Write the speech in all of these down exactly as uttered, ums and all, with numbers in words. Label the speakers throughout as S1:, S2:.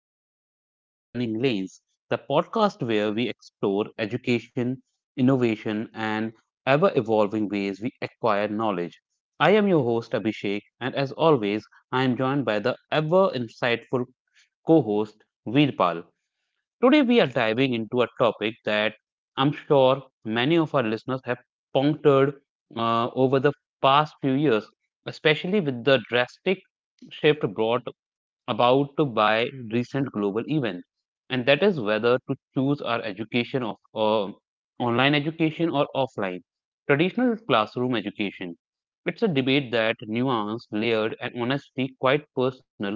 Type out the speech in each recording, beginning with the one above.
S1: the another episode of Learning Lanes, the podcast where we explore education, innovation, and ever evolving ways we acquire knowledge. I am your host, Abhishek, and as always, I am joined by the ever insightful co host, Veerpal. Today, we are diving into a topic that I'm sure many of our listeners have pondered uh, over the past few years, especially with the drastic shift brought about by recent global events. And that is whether to choose our education of uh, online education or offline, traditional classroom education. It's a debate that nuanced, layered, and honestly quite personal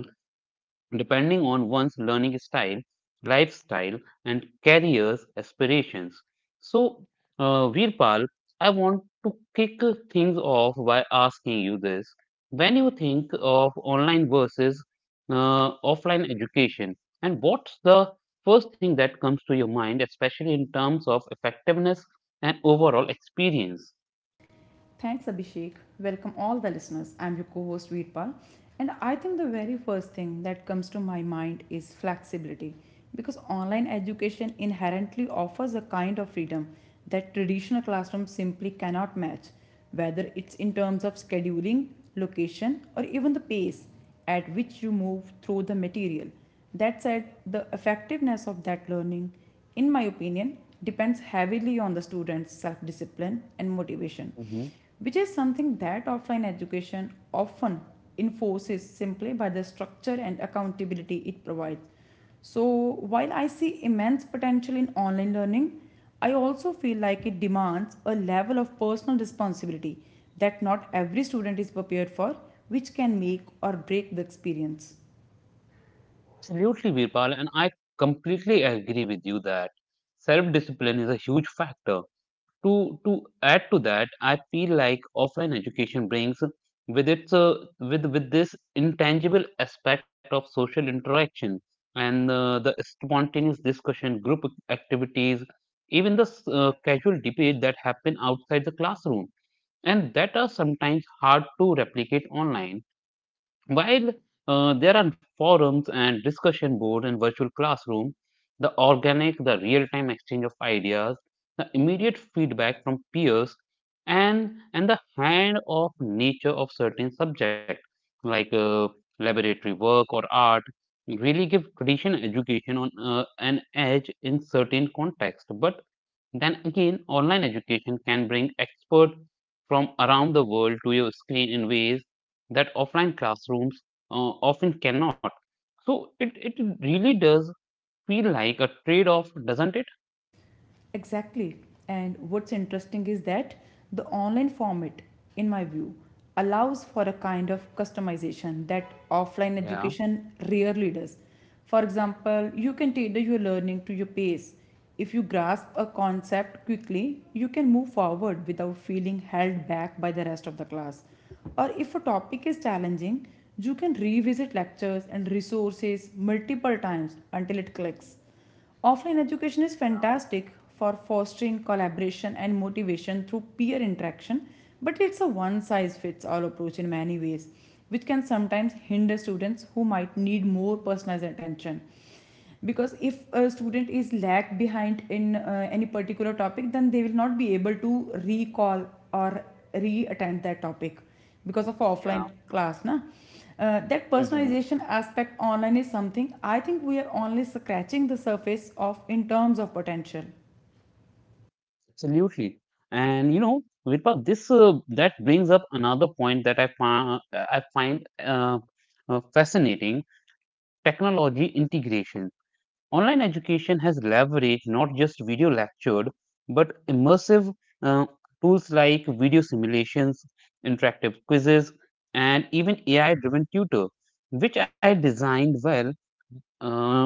S1: depending on one's learning style, lifestyle, and career's aspirations. So, uh, Virpal, I want to kick things off by asking you this. When you think of online versus uh, offline education, and what's the first thing that comes to your mind, especially in terms of effectiveness and overall experience?
S2: Thanks, Abhishek. Welcome all the listeners. I'm your co host Veerpal. And I think the very first thing that comes to my mind is flexibility because online education inherently offers a kind of freedom that traditional classrooms simply cannot match, whether it's in terms of scheduling, location, or even the pace at which you move through the material. That said, the effectiveness of that learning, in my opinion, depends heavily on the student's self discipline and motivation,
S1: Mhm.
S2: which is something that offline education often enforces simply by the structure and accountability it provides. So, while I see immense potential in online learning, I also feel like it demands a level of personal responsibility that not every student is prepared for, which can make or break the experience.
S1: Absolutely, Virpal, and I completely agree with you that self discipline is a huge factor to to add to that, I feel like offline education brings with its uh, with with this intangible aspect of social interaction and uh, the spontaneous discussion group activities, even the s- uh, casual debate that happen outside the classroom and that are sometimes hard to replicate online, while uh, there are forums and discussion board and virtual classroom, the organic, the real-time exchange of ideas, the immediate feedback from peers, and and the hand of nature of certain subject like uh, laboratory work or art really give traditional education on uh, an edge in certain context. But then again, online education can bring experts from around the world to your screen in ways that offline classrooms uh, often cannot. So it, it really does feel like a trade off, doesn't it?
S2: Exactly. And what's interesting is that the online format, in my view, allows for a kind of customization that offline
S1: Yeah.
S2: education rarely does. For example, you can tailor your learning to your pace. If you grasp a concept quickly, you can move forward without feeling held back by the rest of the class. Or if a topic is challenging, you can revisit lectures and resources multiple times until it clicks. Offline education is fantastic for fostering collaboration and motivation through peer interaction, but it's a one size fits all approach in many ways, which can sometimes hinder students who might need more personalized attention. Because if a student is lagged behind in uh, any particular topic, then they will not be able to recall or re attend that topic because of offline
S1: Yeah.
S2: class na. Uh, that
S1: Mhm.
S2: personalization aspect online is something I think we are only scratching the surface of in terms of potential.
S1: Absolutely. And you know, Virpa, this uh, that brings up another point that I, find I find uh, uh, fascinating: technology integration. Online education has leveraged not just video lectured, but immersive uh, tools like video simulations, interactive quizzes, and even A I driven tutor, which I designed well, uh,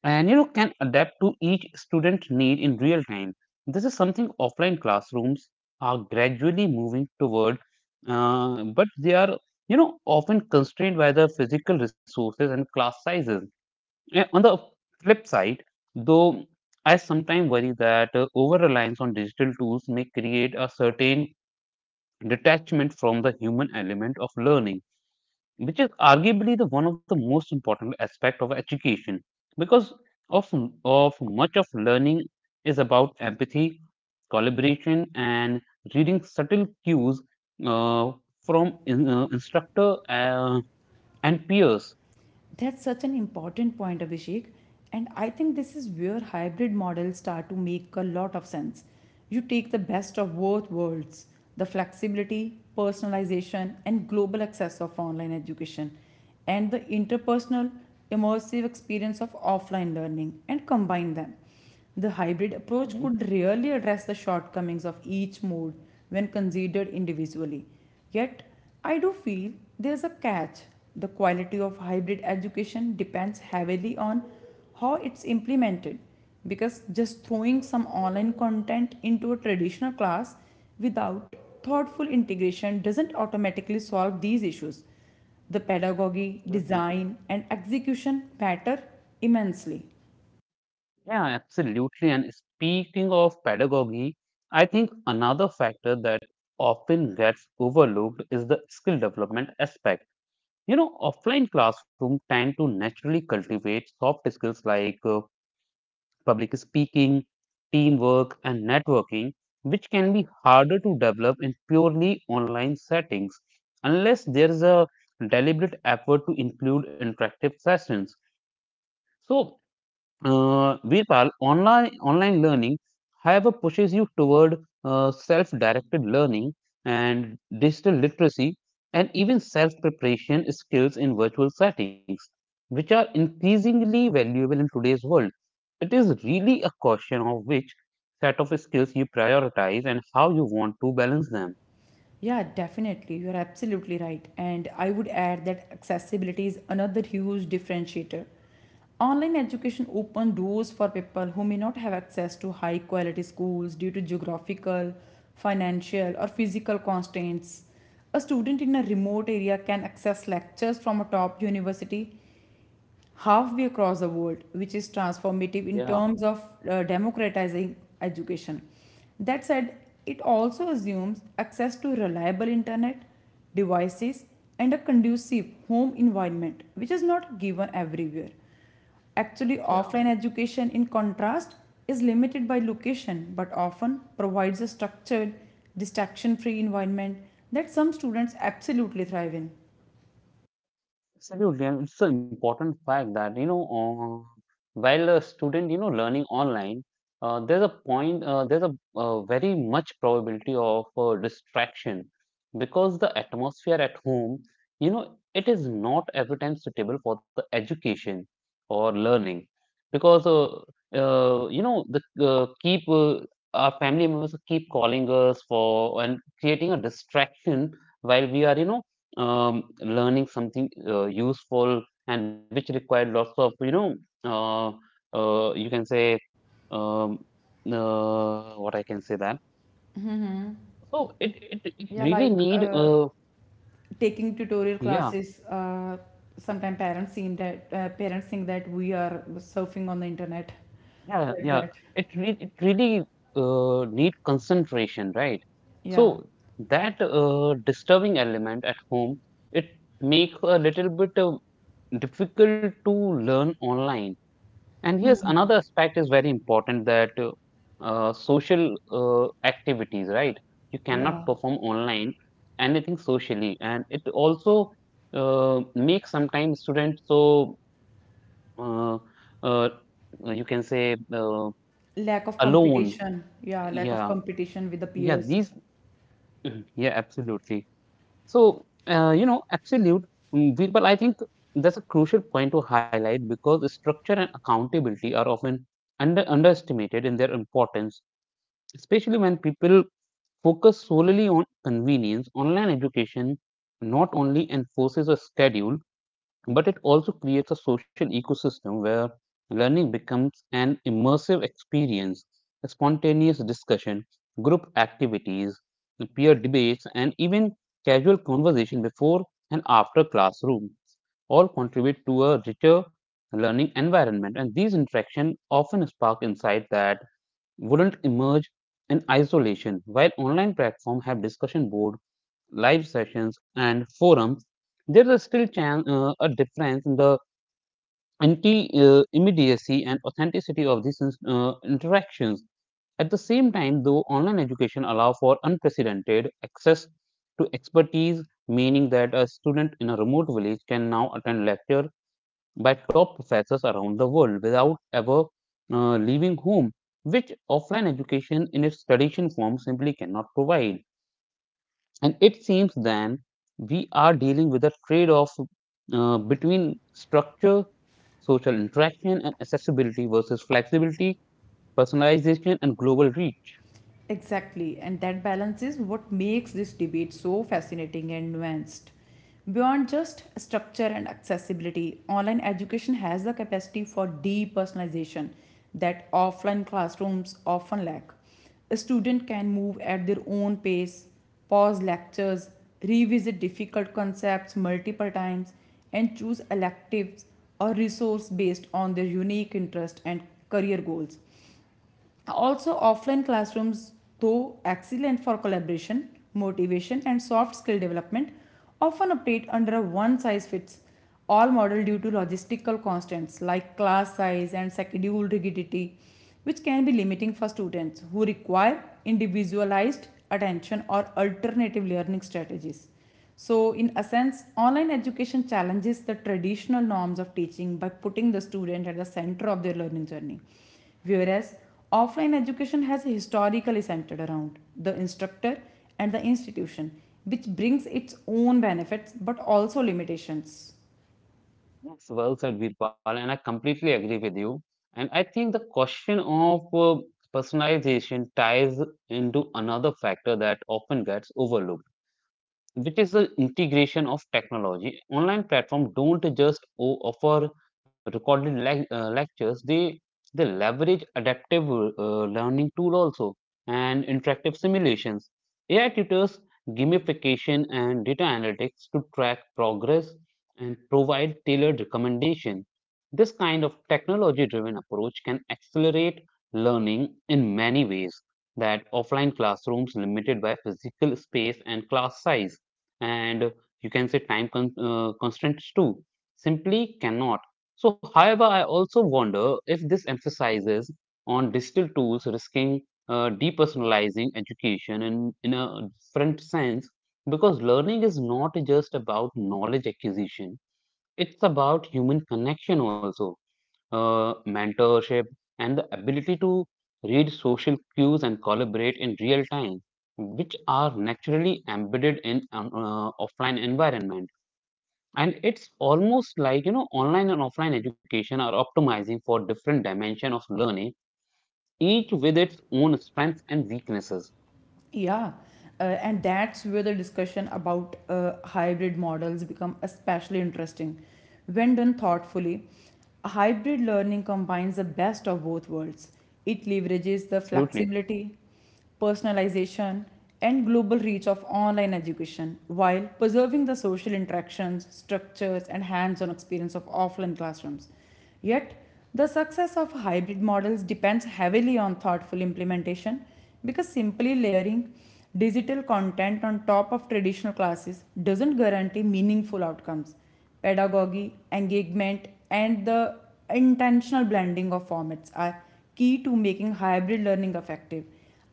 S1: and you know can adapt to each student need in real time. This is something offline classrooms are gradually moving toward, uh, but they are you know often constrained by the physical resources and class sizes. Yeah, on the flip side, though, I sometimes worry that uh, over reliance on digital tools may create a certain detachment from the human element of learning, which is arguably the one of the most important aspect of education, because of of much of learning is about empathy, collaboration, and reading subtle cues uh, from in, uh, instructor uh, and peers.
S2: That's such an important point, Abhishek, and I think this is where hybrid models start to make a lot of sense. You take the best of both worlds, the flexibility, personalization, and global access of online education, and the interpersonal, immersive experience of offline learning, and combine them. The hybrid approach
S1: Mhm.
S2: could really address the shortcomings of each mode when considered individually. Yet, I do feel there's a catch. The quality of hybrid education depends heavily on how it's implemented because just throwing some online content into a traditional class without thoughtful integration doesn't automatically solve these issues. The pedagogy,
S1: Absolutely.
S2: design, and execution matter immensely.
S1: Yeah, absolutely. And speaking of pedagogy, I think another factor that often gets overlooked is the skill development aspect. You know, offline classroom tend to naturally cultivate soft skills like uh, public speaking, teamwork, and networking, which can be harder to develop in purely online settings unless there is a deliberate effort to include interactive sessions. So, uh, Virpal, online online learning, however, pushes you toward uh, self-directed learning and digital literacy, and even self-preparation skills in virtual settings, which are increasingly valuable in today's world. It is really a question of which set of skills you prioritize and how you want to balance them.
S2: Yeah, definitely. You're absolutely right. And I would add that accessibility is another huge differentiator. Online education opens doors for people who may not have access to high quality schools due to geographical, financial, or physical constraints. A student in a remote area can access lectures from a top university halfway across the world, which is
S1: Yeah.
S2: transformative in terms of uh, democratizing education. That said, it also assumes access to reliable internet, devices, and a conducive home environment, which is not given everywhere. Actually,
S1: Yeah.
S2: offline education, in contrast, is limited by location but often provides a structured, distraction free environment that some students absolutely thrive in.
S1: Absolutely, and it's an important fact that you know, uh, while a student you know learning online, uh, there's a point, uh, there's a uh, very much probability of uh, distraction because the atmosphere at home, you know, it is not every time suitable for the education or learning because uh, uh, you know the uh, keep uh, our family members keep calling us for and creating a distraction while we are you know um, learning something uh, useful and which required lots of you know uh, uh, you can say um, uh, what I can say that so it it, it
S2: Yeah,
S1: really
S2: like
S1: need
S2: uh,
S1: uh,
S2: taking tutorial
S1: yeah
S2: classes, uh, sometimes parents seem that uh, parents think that we are surfing on the internet,
S1: yeah
S2: like
S1: yeah
S2: that.
S1: it re- it really uh, need concentration, right? So
S2: Yeah,
S1: that uh, disturbing element at home, it makes a little bit uh, difficult to learn online. And yes, another aspect is very important that uh, uh, social uh, activities, right? You cannot
S2: yeah.
S1: perform online anything socially, and it also uh, makes sometimes students so uh, uh, uh, you can say uh,
S2: Lack of
S1: alone.
S2: competition, yeah, lack of
S1: Yeah,
S2: competition with the
S1: yeah,
S2: peers.
S1: these, yeah, absolutely. So, uh, you know, absolute, mm, we- but I think that's a crucial point to highlight because structure and accountability are often under underestimated in their importance, especially when people focus solely on convenience. Online education not only enforces a schedule, but it also creates a social ecosystem where learning becomes an immersive experience, a spontaneous discussion, group activities, peer debates, and even casual conversation before and after classroom all contribute to a richer learning environment. And these interactions often spark insight that wouldn't emerge in isolation, while online platforms have discussion board, live sessions and forums, there is still chan- uh, a difference in the anti uh, immediacy and authenticity of these uh, interactions. At the same time, though, online education allows for unprecedented access to expertise, meaning that a student in a remote village can now attend lecture by top professors around the world without ever uh, leaving home, which offline education in its traditional form simply cannot provide. And it seems then we are dealing with a trade off uh, between structure, social interaction, and accessibility versus flexibility, personalization, and global reach.
S2: Exactly, and that balance is what makes this debate so fascinating and nuanced. Beyond just structure and accessibility, online education has the capacity for depersonalization that offline classrooms often lack. A student can move at their own pace, pause lectures, revisit difficult concepts multiple times, and choose electives or resource based on their unique interest and career goals. Also, offline classrooms, though excellent for collaboration, motivation, and soft skill development, often operate under a one size fits all model due to logistical constraints like class size and schedule rigidity, which can be limiting for students who require individualized attention or alternative learning strategies. So, in a sense, online education challenges the traditional norms of teaching by putting the student at the center of their learning journey. Whereas, offline education has historically centered around the instructor and the institution, which brings its own benefits but also limitations.
S1: Yes, well said, Virpal, and I completely agree with you. And I think the question of uh, personalization ties into another factor that often gets overlooked, which is the integration of technology. Online platforms don't just o- offer recorded lec- uh, lectures; they they leverage adaptive uh, learning tool also, and interactive simulations, A I tutors, gamification, and data analytics to track progress and provide tailored recommendation. This kind of technology-driven approach can accelerate learning in many ways that offline classrooms, limited by physical space and class size and you can say time con- uh, constraints too, simply cannot. So however, I also wonder if this emphasizes on digital tools, risking uh, depersonalizing education in, in a different sense, because learning is not just about knowledge acquisition, it's about human connection also, uh, mentorship, and the ability to read social cues and collaborate in real time, which are naturally embedded in um, uh, offline environment. And it's almost like you know online and offline education are optimizing for different dimension of learning, each with its own strengths and weaknesses.
S2: Yeah, uh, and that's where the discussion about uh, hybrid models become especially interesting. When done thoughtfully, hybrid learning combines the best of both worlds. It leverages the
S1: Absolutely.
S2: flexibility, personalization, and global reach of online education while preserving the social interactions, structures, and hands on experience of offline classrooms. Yet, the success of hybrid models depends heavily on thoughtful implementation because simply layering digital content on top of traditional classes doesn't guarantee meaningful outcomes. Pedagogy, engagement, and the intentional blending of formats are key to making hybrid learning effective.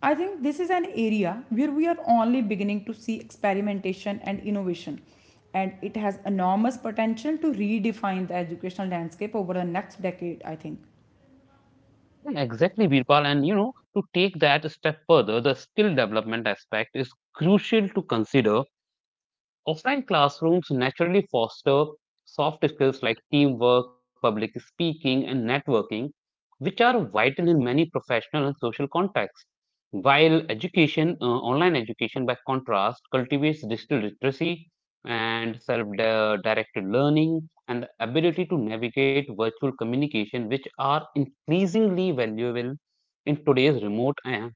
S2: I think this is an area where we are only beginning to see experimentation and innovation, and it has enormous potential to redefine the educational landscape over the next decade, I think,
S1: Yeah, exactly, Birpal. And you know, to take that a step further, the skill development aspect is crucial to consider. Offline classrooms naturally foster soft skills like teamwork, public speaking, and networking, which are vital in many professional and social contexts. While education, uh, online education by contrast, cultivates digital literacy and self directed learning and the ability to navigate virtual communication, which are increasingly valuable in today's remote and,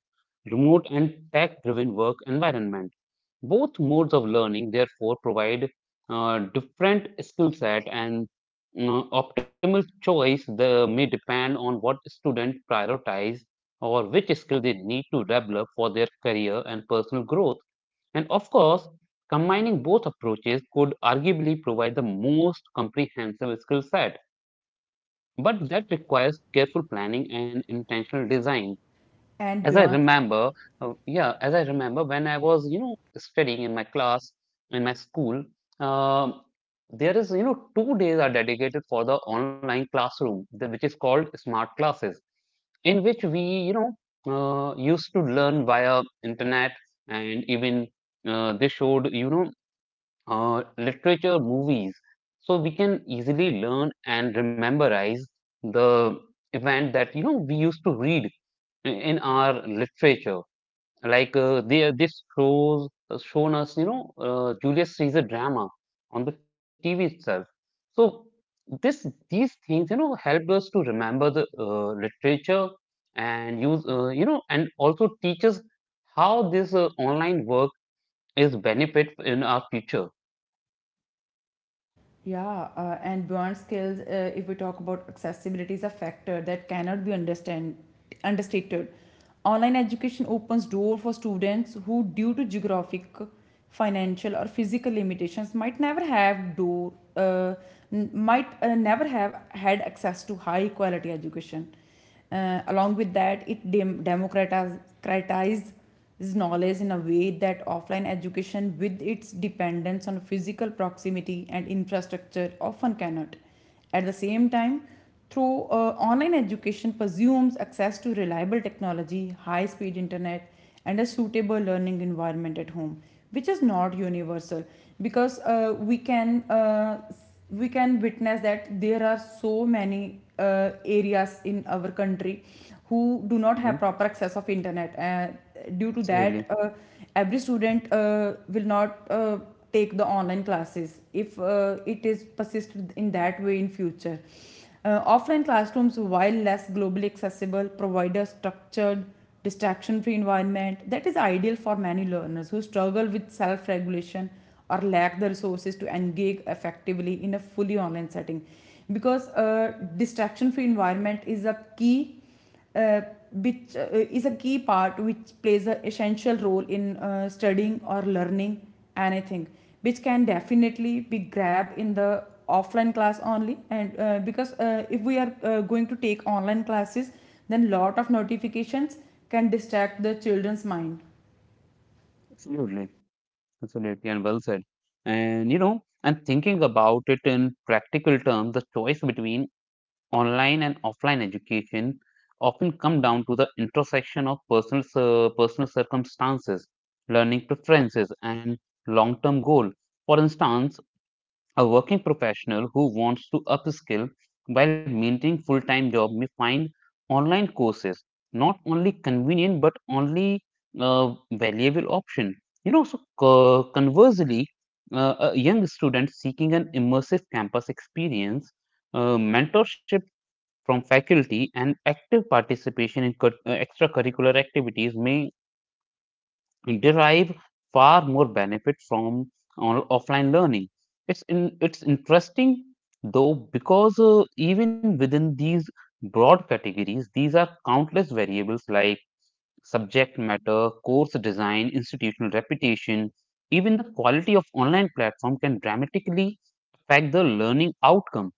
S1: remote and tech driven work environment. Both modes of learning, therefore, provide uh, different skill set, and uh, optimal choice the, may depend on what student prioritize or which skill they need to develop for their career and personal growth. And of course, combining both approaches could arguably provide the most comprehensive skill set, but that requires careful planning and intentional design.
S2: and
S1: as I
S2: beyond.
S1: remember, uh, yeah, as I remember when I was, you know, studying in my class, in my school, um, there is, you know, two days are dedicated for the online classroom, the- which is called smart classes, in which we, you know, uh, used to learn via internet, and even uh, they showed, you know, uh, literature, movies. So we can easily learn and rememberize the event that, you know, we used to read in in our literature, like uh, they, this shows uh, shown us, you know, uh, Julius Caesar drama on the T V itself. So this these things, you know, help us to remember the uh, literature and use, uh, you know, and also teach us how this uh, online work is benefit in our future.
S2: Yeah, uh, and burn skills, uh, if we talk about accessibility, is a factor that cannot be understand, understated. Online education opens door for students who, due to geographic, financial, or physical limitations, might never have door, uh, n- might uh, never have had access to high quality education. Uh, along with that, it dem- democratizes knowledge in a way that offline education, with its dependence on physical proximity and infrastructure, often cannot. At the same time, through uh, online education presumes access to reliable technology, high speed internet, and a suitable learning environment at home, which is not universal, because uh, we can uh, we can witness that there are so many uh, areas in our country who do not have proper
S1: Mhm.
S2: access of internet uh, due to that
S1: Absolutely,
S2: uh, every student uh, will not uh, take the online classes if uh, it is persisted in that way in future. Uh, offline classrooms, while less globally accessible, provide a structured, distraction free environment that is ideal for many learners who struggle with self regulation or lack the resources to engage effectively in a fully online setting, because a distraction free environment is a key uh, which uh, is a key part which plays an essential role in uh, studying or learning anything, which can definitely be grabbed in the offline class only, and uh, because uh, if we are uh, going to take online classes, then lot of notifications can distract the children's mind.
S1: absolutely, absolutely, and well said. And you know, and thinking about it in practical terms, the choice between online and offline education often come down to the intersection of personal cir- personal circumstances, learning preferences, and long-term goal. For instance, a working professional who wants to upskill while maintaining full-time job may find online courses not only convenient but only uh, valuable option. You know, so co- conversely, uh, a young student seeking an immersive campus experience, uh, mentorship from faculty and active participation in cur- uh, extracurricular activities may derive far more benefit from on- offline learning. It's in, it's interesting though because uh, even within these broad categories, these are countless variables like subject matter, course design, institutional reputation, even the quality of online platform can dramatically affect the learning outcome.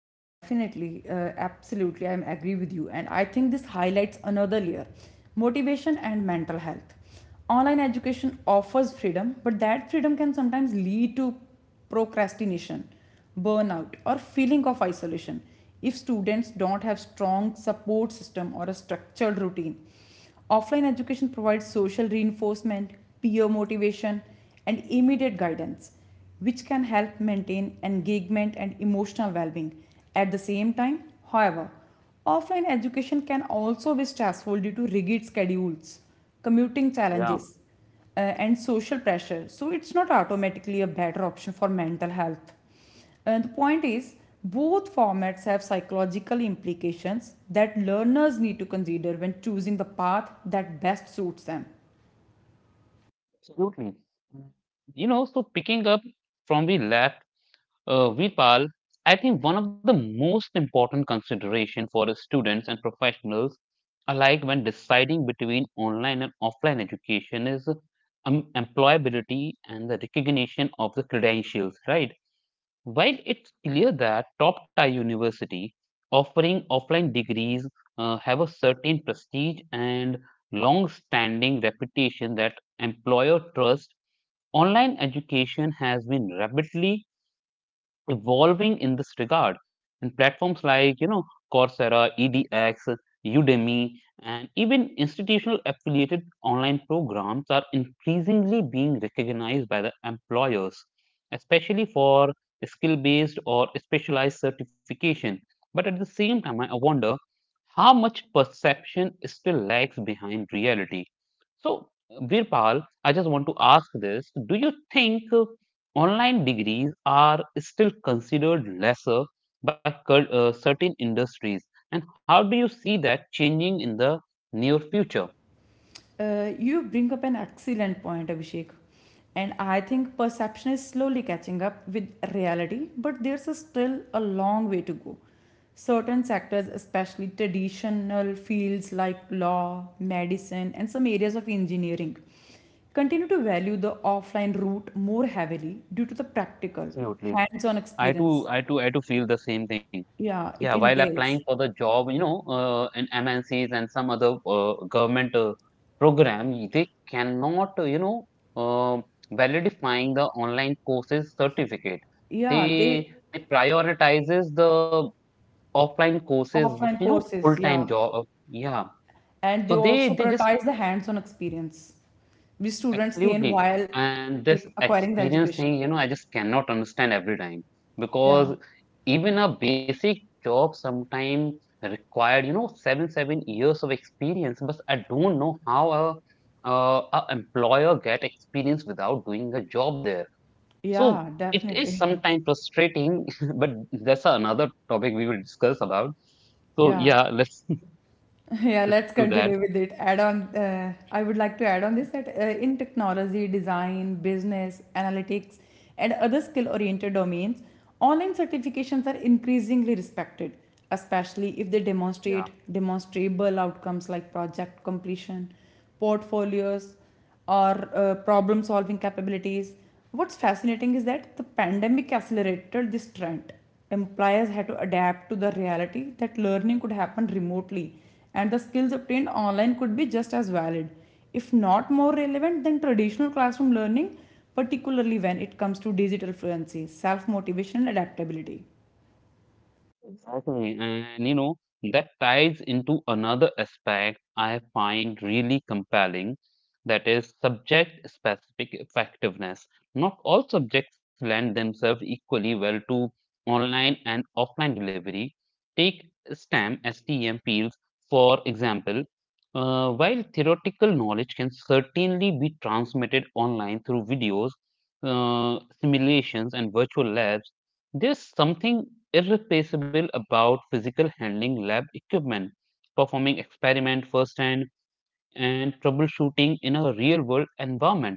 S2: Yeah, definitely. Uh, absolutely. I agree with you. And I think this highlights another layer, motivation and mental health. Online education offers freedom, but that freedom can sometimes lead to procrastination, burnout, or feeling of isolation if students don't have strong support system or a structured routine. Offline education provides social reinforcement, peer motivation, and immediate guidance which can help maintain engagement and emotional well-being. At the same time, however, offline education can also be stressful due to rigid schedules, commuting
S1: Yeah.
S2: challenges, uh, and social pressure. So it's not automatically a better option for mental health. And the point is, both formats have psychological implications that learners need to consider when choosing the path that best suits them.
S1: Absolutely. You know, so picking up from we left, uh, Vipal, I think one of the most important consideration for the students and professionals alike when deciding between online and offline education is um, employability and the recognition of the credentials, right? While it's clear that top tier university offering offline degrees uh, have a certain prestige and long standing reputation that employer trust. Online education has been rapidly evolving in this regard, and platforms like you know Coursera, E D X, Udemy, and even institutional affiliated online programs are increasingly being recognized by the employers, especially for skill based or specialized certification. But at the same time, I wonder how much perception still lags behind reality. So, Virpal, I just want to ask this. Do you think uh, online degrees are still considered lesser by uh, certain industries? And how do you see that changing in the near future?
S2: Uh, you bring up an excellent point, Abhishek. And I think perception is slowly catching up with reality, but there's a still a long way to go. Certain sectors, especially traditional fields like law, medicine, and some areas of engineering, continue to value the offline route more heavily due to the practical,
S1: Absolutely.
S2: hands on
S1: I
S2: experience.
S1: too, I too, I too feel the same thing.
S2: Yeah,
S1: Yeah,
S2: it
S1: while applying
S2: entails.
S1: for the job, you know, uh, in M N Cs and some other uh, government uh, program, y- they cannot, uh, you know, um validifying the online courses certificate.
S2: Yeah, they
S1: They, they prioritizes the offline courses, which, you
S2: offline
S1: know,
S2: courses.
S1: full-time
S2: Yeah.
S1: job. uh, Yeah.
S2: And they
S1: So they
S2: also
S1: they just
S2: prioritize the hands-on experience which students gain
S1: absolutely.
S2: while
S1: And this
S2: take, acquiring the
S1: experience
S2: education.
S1: thing, you know, I just cannot understand every time
S2: Yeah,
S1: because even a basic job sometimes required, you know, seven, seven years of experience. But I don't know how a, uh, a employer get experience without doing a job there.
S2: yeah,
S1: So it is
S2: definitely.
S1: sometimes frustrating, but that's another topic we will discuss about. So yeah,
S2: Yeah,
S1: let's
S2: yeah.
S1: let's
S2: Let's
S1: do that.
S2: continue with it. Add on. Uh, I would like to add on this that uh, in technology, design, business, analytics, and other skill-oriented domains, online certifications are increasingly respected, especially if they demonstrate demonstrable outcomes like project completion, portfolios, or uh, problem solving capabilities. What's fascinating is that the pandemic accelerated this trend. Employers had to adapt to the reality that learning could happen remotely and the skills obtained online could be just as valid, if not more relevant than traditional classroom learning, particularly when it comes to digital fluency, self motivation, and adaptability.
S1: Exactly. And you know, that ties into another aspect I find really compelling, that is subject specific effectiveness. Not all subjects lend themselves equally well to online and offline delivery. Take STEM, STEM fields, for example. Uh, while theoretical knowledge can certainly be transmitted online through videos, uh, simulations, and virtual labs, there's something irreplaceable about physical handling lab equipment, performing experiment firsthand, and troubleshooting in a real world environment.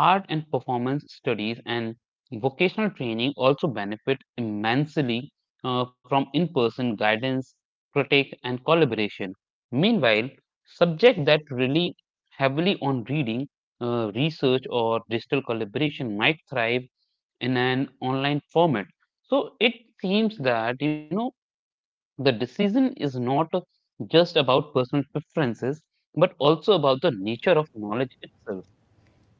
S1: Art and performance studies and vocational training also benefit immensely uh, from in person guidance, critique, and collaboration. Meanwhile, subjects that rely heavily on reading, uh, research, or digital collaboration might thrive in an online format. So it seems that, you know, the decision is not just about personal preferences, but also about the nature of knowledge itself.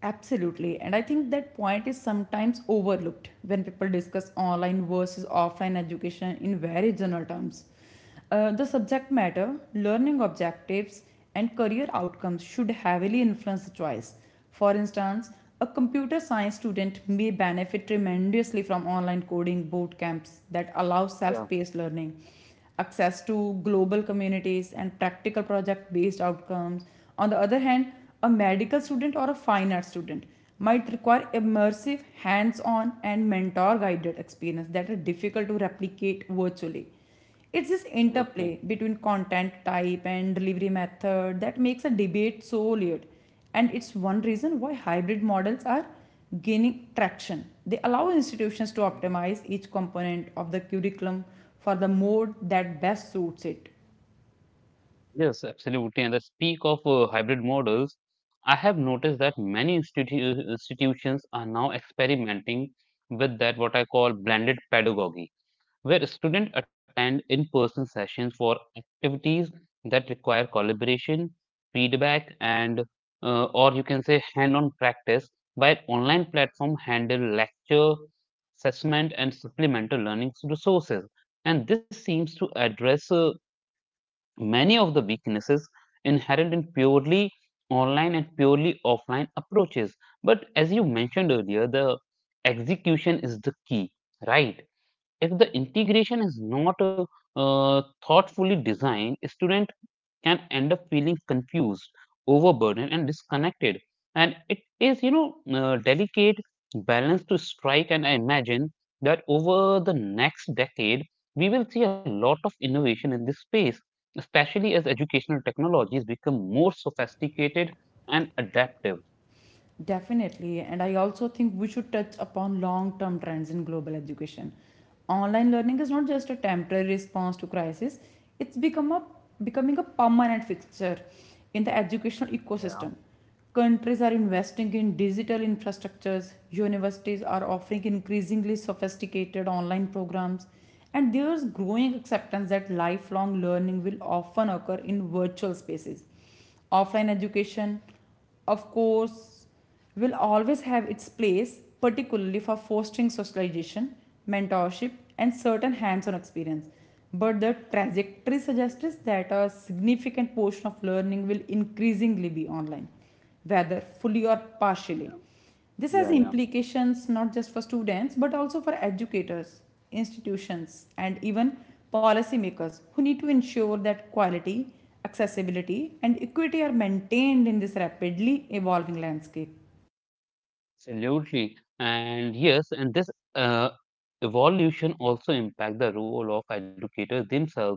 S2: Absolutely. And I think that point is sometimes overlooked when people discuss online versus offline education in very general terms. Uh, the subject matter, learning objectives, and career outcomes should heavily influence the choice. For instance, a computer science student may benefit tremendously from online coding boot camps that allow
S1: Yeah,
S2: self paced learning, access to global communities, and practical project based outcomes. On the other hand, a medical student or a fine art student might require immersive, hands on, and mentor guided experience that are difficult to replicate virtually. It's this
S1: absolutely.
S2: interplay between content type and delivery method that makes a debate so layered. And it's one reason why hybrid models are gaining traction. They allow institutions to optimize each component of the curriculum for the mode that best suits it.
S1: Yes, absolutely. And the speak of uh, hybrid models, I have noticed that many institu- institutions are now experimenting with that what I call blended pedagogy, where students attend in person sessions for activities that require collaboration, feedback, and uh, or you can say hand on practice, while online platform handle lecture, assessment, and supplemental learning resources. And this seems to address uh, many of the weaknesses inherent in purely online and purely offline approaches. But as you mentioned earlier, the execution is the key, right? If the integration is not uh, thoughtfully designed, student can end up feeling confused, overburdened, and disconnected. And it is, you know, uh, delicate balance to strike. And I imagine that over the next decade, we will see a lot of innovation in this space, especially as educational technologies become more sophisticated and adaptive.
S2: Definitely. And I also think we should touch upon long term trends in global education. Online learning is not just a temporary response to crisis. it's become a, becoming a permanent fixture in the educational ecosystem. Countries are investing in digital infrastructures, universities are offering increasingly sophisticated online programs, and there's growing acceptance that lifelong learning will often occur in virtual spaces. Offline education, of course, will always have its place, particularly for fostering socialization, mentorship, and certain hands on experience. But the trajectory suggests that a significant portion of learning will increasingly be online, whether fully or partially. This has
S1: Yeah, yeah.
S2: implications not just for students but also for educators, institutions, and even policymakers who need to ensure that quality, accessibility, and equity are maintained in this rapidly evolving landscape.
S1: Absolutely. And yes, and this uh, evolution also impact the role of educators themselves.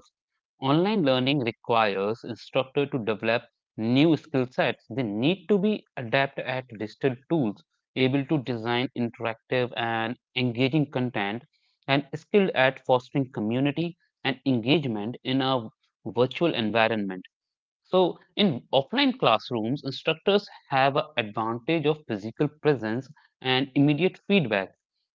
S1: Online learning requires instructor to develop new skill sets. They need to be adept at digital tools, able to design interactive and engaging content, and skilled at fostering community and engagement in a virtual environment. So in offline classrooms, instructors have an advantage of physical presence and immediate feedback,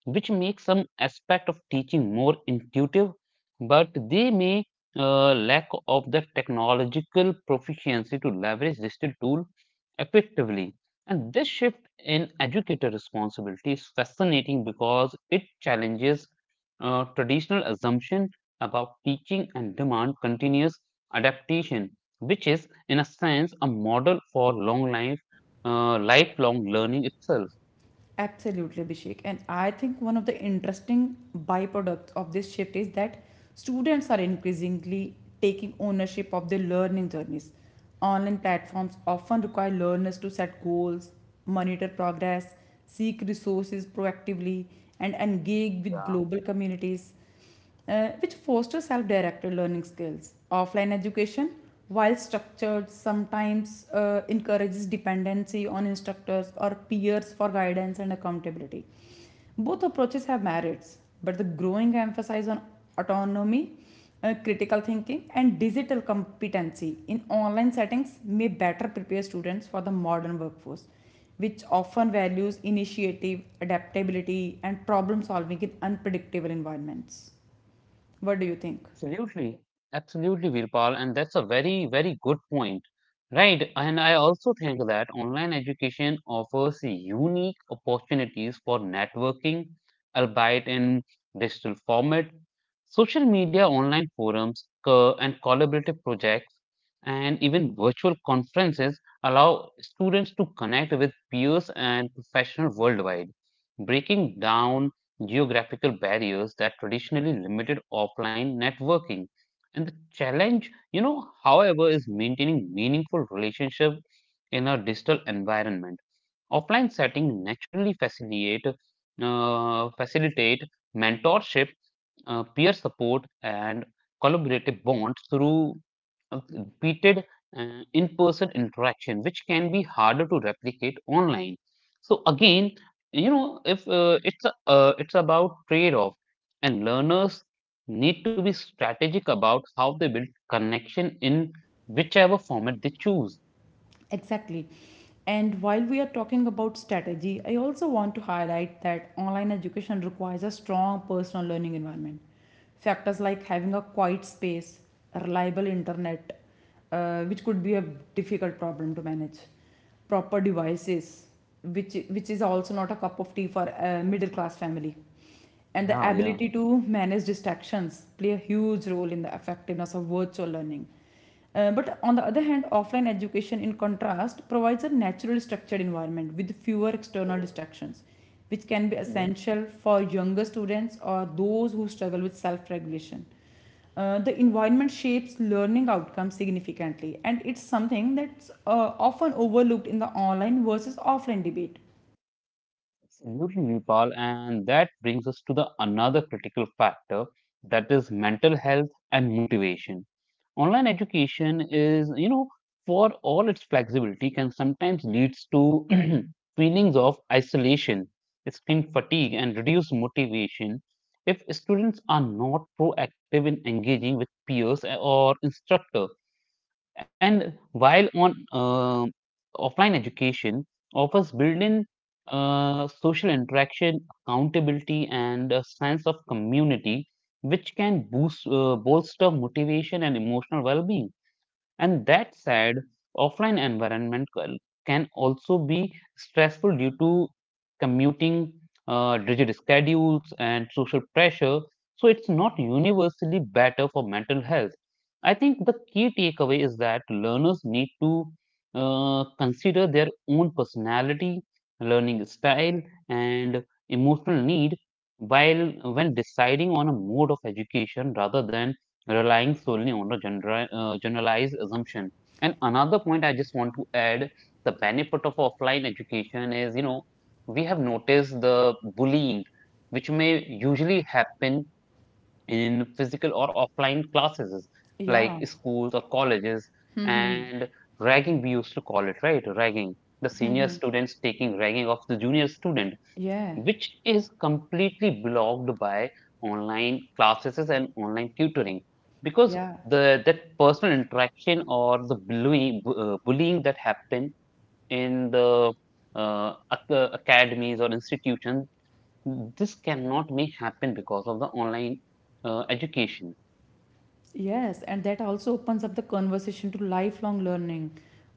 S1: which makes some aspect of teaching more intuitive, but they may uh, lack of the technological proficiency to leverage digital tool effectively. And this shift in educator responsibility is fascinating because it challenges uh, traditional assumption about teaching and demand continuous adaptation, which is, in a sense, a model for long life, uh, lifelong learning itself.
S2: Absolutely, Abhishek. And I think one of the interesting byproducts of this shift is that students are increasingly taking ownership of their learning journeys. Online platforms often require learners to set goals, monitor progress, seek resources proactively, and engage with
S1: Yeah.
S2: global communities, uh, which foster self directed learning skills. Offline education, while structured, sometimes uh, encourages dependency on instructors or peers for guidance and accountability. Both approaches have merits, but the growing emphasis on autonomy, uh, critical thinking, and digital competency in online settings may better prepare students for the modern workforce, which often values initiative, adaptability, and problem solving in unpredictable environments. What do you think?
S1: Absolutely, absolutely, Virpal, and that's a very, very good point, right? And I also think that online education offers unique opportunities for networking, albeit in digital format. Social media, online forums, co- and collaborative projects, and even virtual conferences allow students to connect with peers and professionals worldwide, breaking down geographical barriers that traditionally limited offline networking. And the challenge, you know, however, is maintaining meaningful relationships in a digital environment. Offline setting naturally facilitate uh, facilitate mentorship, uh, peer support, and collaborative bonds through of repeated uh, in-person interaction, which can be harder to replicate online. So again, you know, if uh, it's a, uh, it's about trade-off, and learners need to be strategic about how they build connection in whichever format they choose.
S2: Exactly. And while we are talking about strategy, I also want to highlight that online education requires a strong personal learning environment. Factors like having a quiet space, a reliable internet, uh, which could be a difficult problem to manage, proper devices, which which is also not a cup of tea for a middle class family, and the ability to manage distractions play a huge role in the effectiveness of virtual learning. Uh, but on the other hand, offline education, in contrast, provides a natural structured environment with fewer external distractions, which can be
S1: Mm-hmm.
S2: essential for younger students or those who struggle with self regulation. Uh, the environment shapes learning outcomes significantly, and it's something that's uh, often overlooked in the online versus offline debate.
S1: Absolutely, Nepal. And that brings us to the another critical factor, that is mental health and motivation. Online education is, you know, for all its flexibility, can sometimes leads to feelings of isolation, screen fatigue, and reduced motivation if students are not proactive in engaging with peers or instructor. And while on um offline education offers built-in uh, social interaction, accountability, and a sense of community, which can boost uh, bolster motivation and emotional well-being. And that said, offline environment can also be stressful due to commuting, uh, rigid schedules, and social pressure. So it's not universally better for mental health. I think the key takeaway is that learners need to uh, consider their own personality, learning style, and emotional need while when deciding on a mode of education rather than relying solely on a general, uh, generalized assumption. And another point I just want to add, the benefit of offline education is, you know, we have noticed the bullying, which may usually happen in physical or offline classes,
S2: Yeah,
S1: like schools or colleges, and ragging, we used to call it, right? Ragging. The senior students taking ragging of the junior student,
S2: yeah,
S1: which is completely blocked by online classes and online tutoring because
S2: yeah,
S1: the that personal interaction or the bullying, bu- uh, bullying that happen in the uh, ac- uh, academies or institutions, this cannot may happen because of the online uh, education.
S2: yes, and that also opens up the conversation to lifelong learning.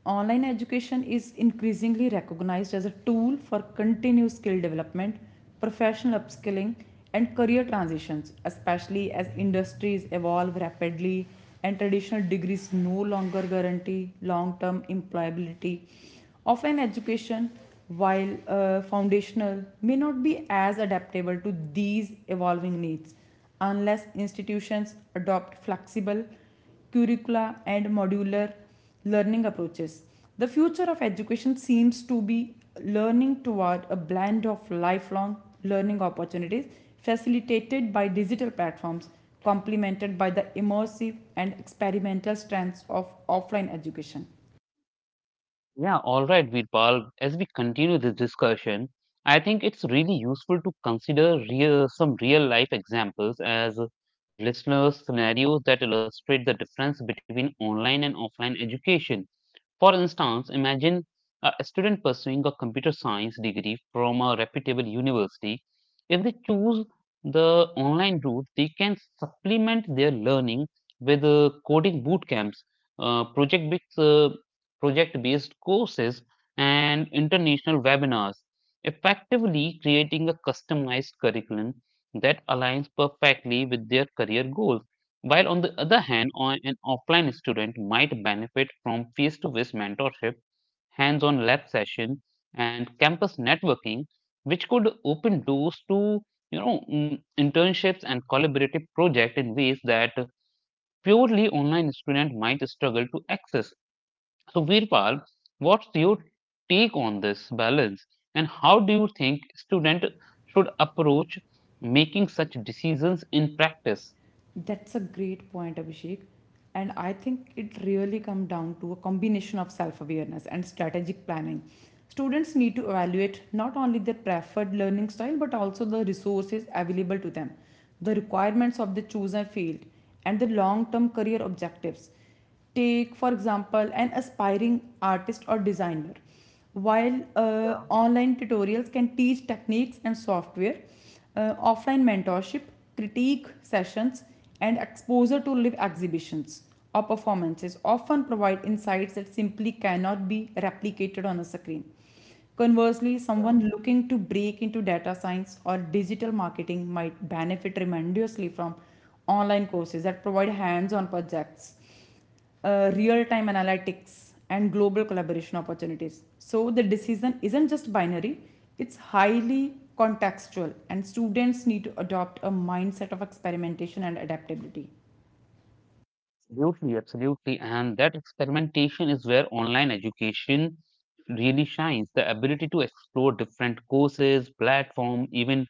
S2: Online education is increasingly recognized as a tool for continuous skill development, professional upskilling, and career transitions, especially as industries evolve rapidly and traditional degrees no longer guarantee long term employability. Offline education, while uh, foundational, may not be as adaptable to these evolving needs unless institutions adopt flexible curricula and modular learning approaches. The future of education seems to be learning toward a blend of lifelong learning opportunities facilitated by digital platforms, complemented by the immersive and experimental strands of offline education.
S1: Yeah, all right, Virpal. As we continue this discussion, I think it's really useful to consider real, some real life examples as the listeners' scenarios that illustrate the difference between online and offline education. For instance, imagine a student pursuing a computer science degree from a reputable university. If they choose the online route, they can supplement their learning with uh, coding boot camps, uh, project based uh, project based courses, and international webinars, effectively creating a customized curriculum that aligns perfectly with their career goals. While on the other hand, an offline student might benefit from face to face mentorship, hands on lab session, and campus networking, which could open doors to, you know, mm, internships and collaborative projects in ways that purely online student might struggle to access. So, Virpal, what's your take on this balance, and how do you think student should approach making such decisions in practice?
S2: That's a great point, Abhishek. And I think it really comes down to a combination of self awareness and strategic planning. Students need to evaluate not only their preferred learning style but also the resources available to them, the requirements of the chosen field, and the long term career objectives. Take, for example, an aspiring artist or designer. While uh, online tutorials can teach techniques and software, uh, offline mentorship, critique sessions, and exposure to live exhibitions or performances often provide insights that simply cannot be replicated on a screen. Conversely, someone looking to break into data science or digital marketing might benefit tremendously from online courses that provide hands on projects, uh, real time analytics, and global collaboration opportunities. So the decision isn't just binary, it's highly contextual, and students need to adopt a mindset of experimentation and adaptability.
S1: Absolutely, absolutely. And that experimentation is where online education really shines. The ability to explore different courses, platform, even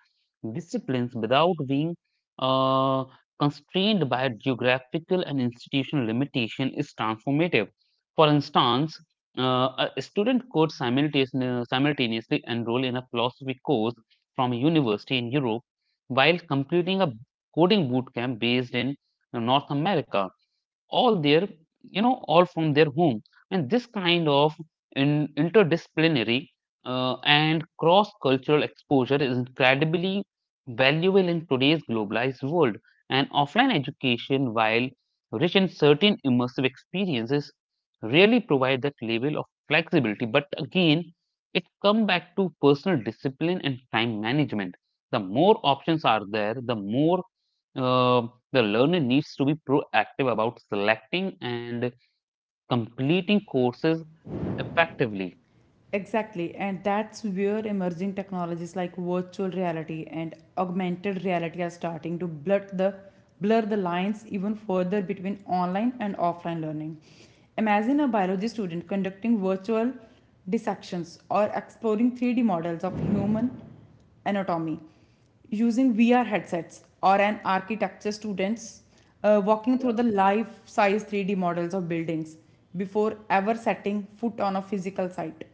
S1: disciplines without being uh, constrained by geographical and institutional limitation is transformative. For instance, uh, a student could simultaneous- simultaneously enroll in a philosophy course from a university in Europe while completing a coding bootcamp based in North America, all their, you know, all from their home. And this kind of in, interdisciplinary uh, and cross cultural exposure is incredibly valuable in today's globalized world, and offline education, while rich in certain immersive experiences, really provide that level of flexibility. But again, it comes back to personal discipline and time management. The more options are there, the more uh, the learner needs to be proactive about selecting and completing courses effectively.
S2: Exactly, and that's where emerging technologies like virtual reality and augmented reality are starting to blur the blur the lines even further between online and offline learning. Imagine a biology student conducting virtual dissections or exploring three D models of human anatomy using V R headsets, or an architecture students uh, walking through the life size three D models of buildings before ever setting foot on a physical site.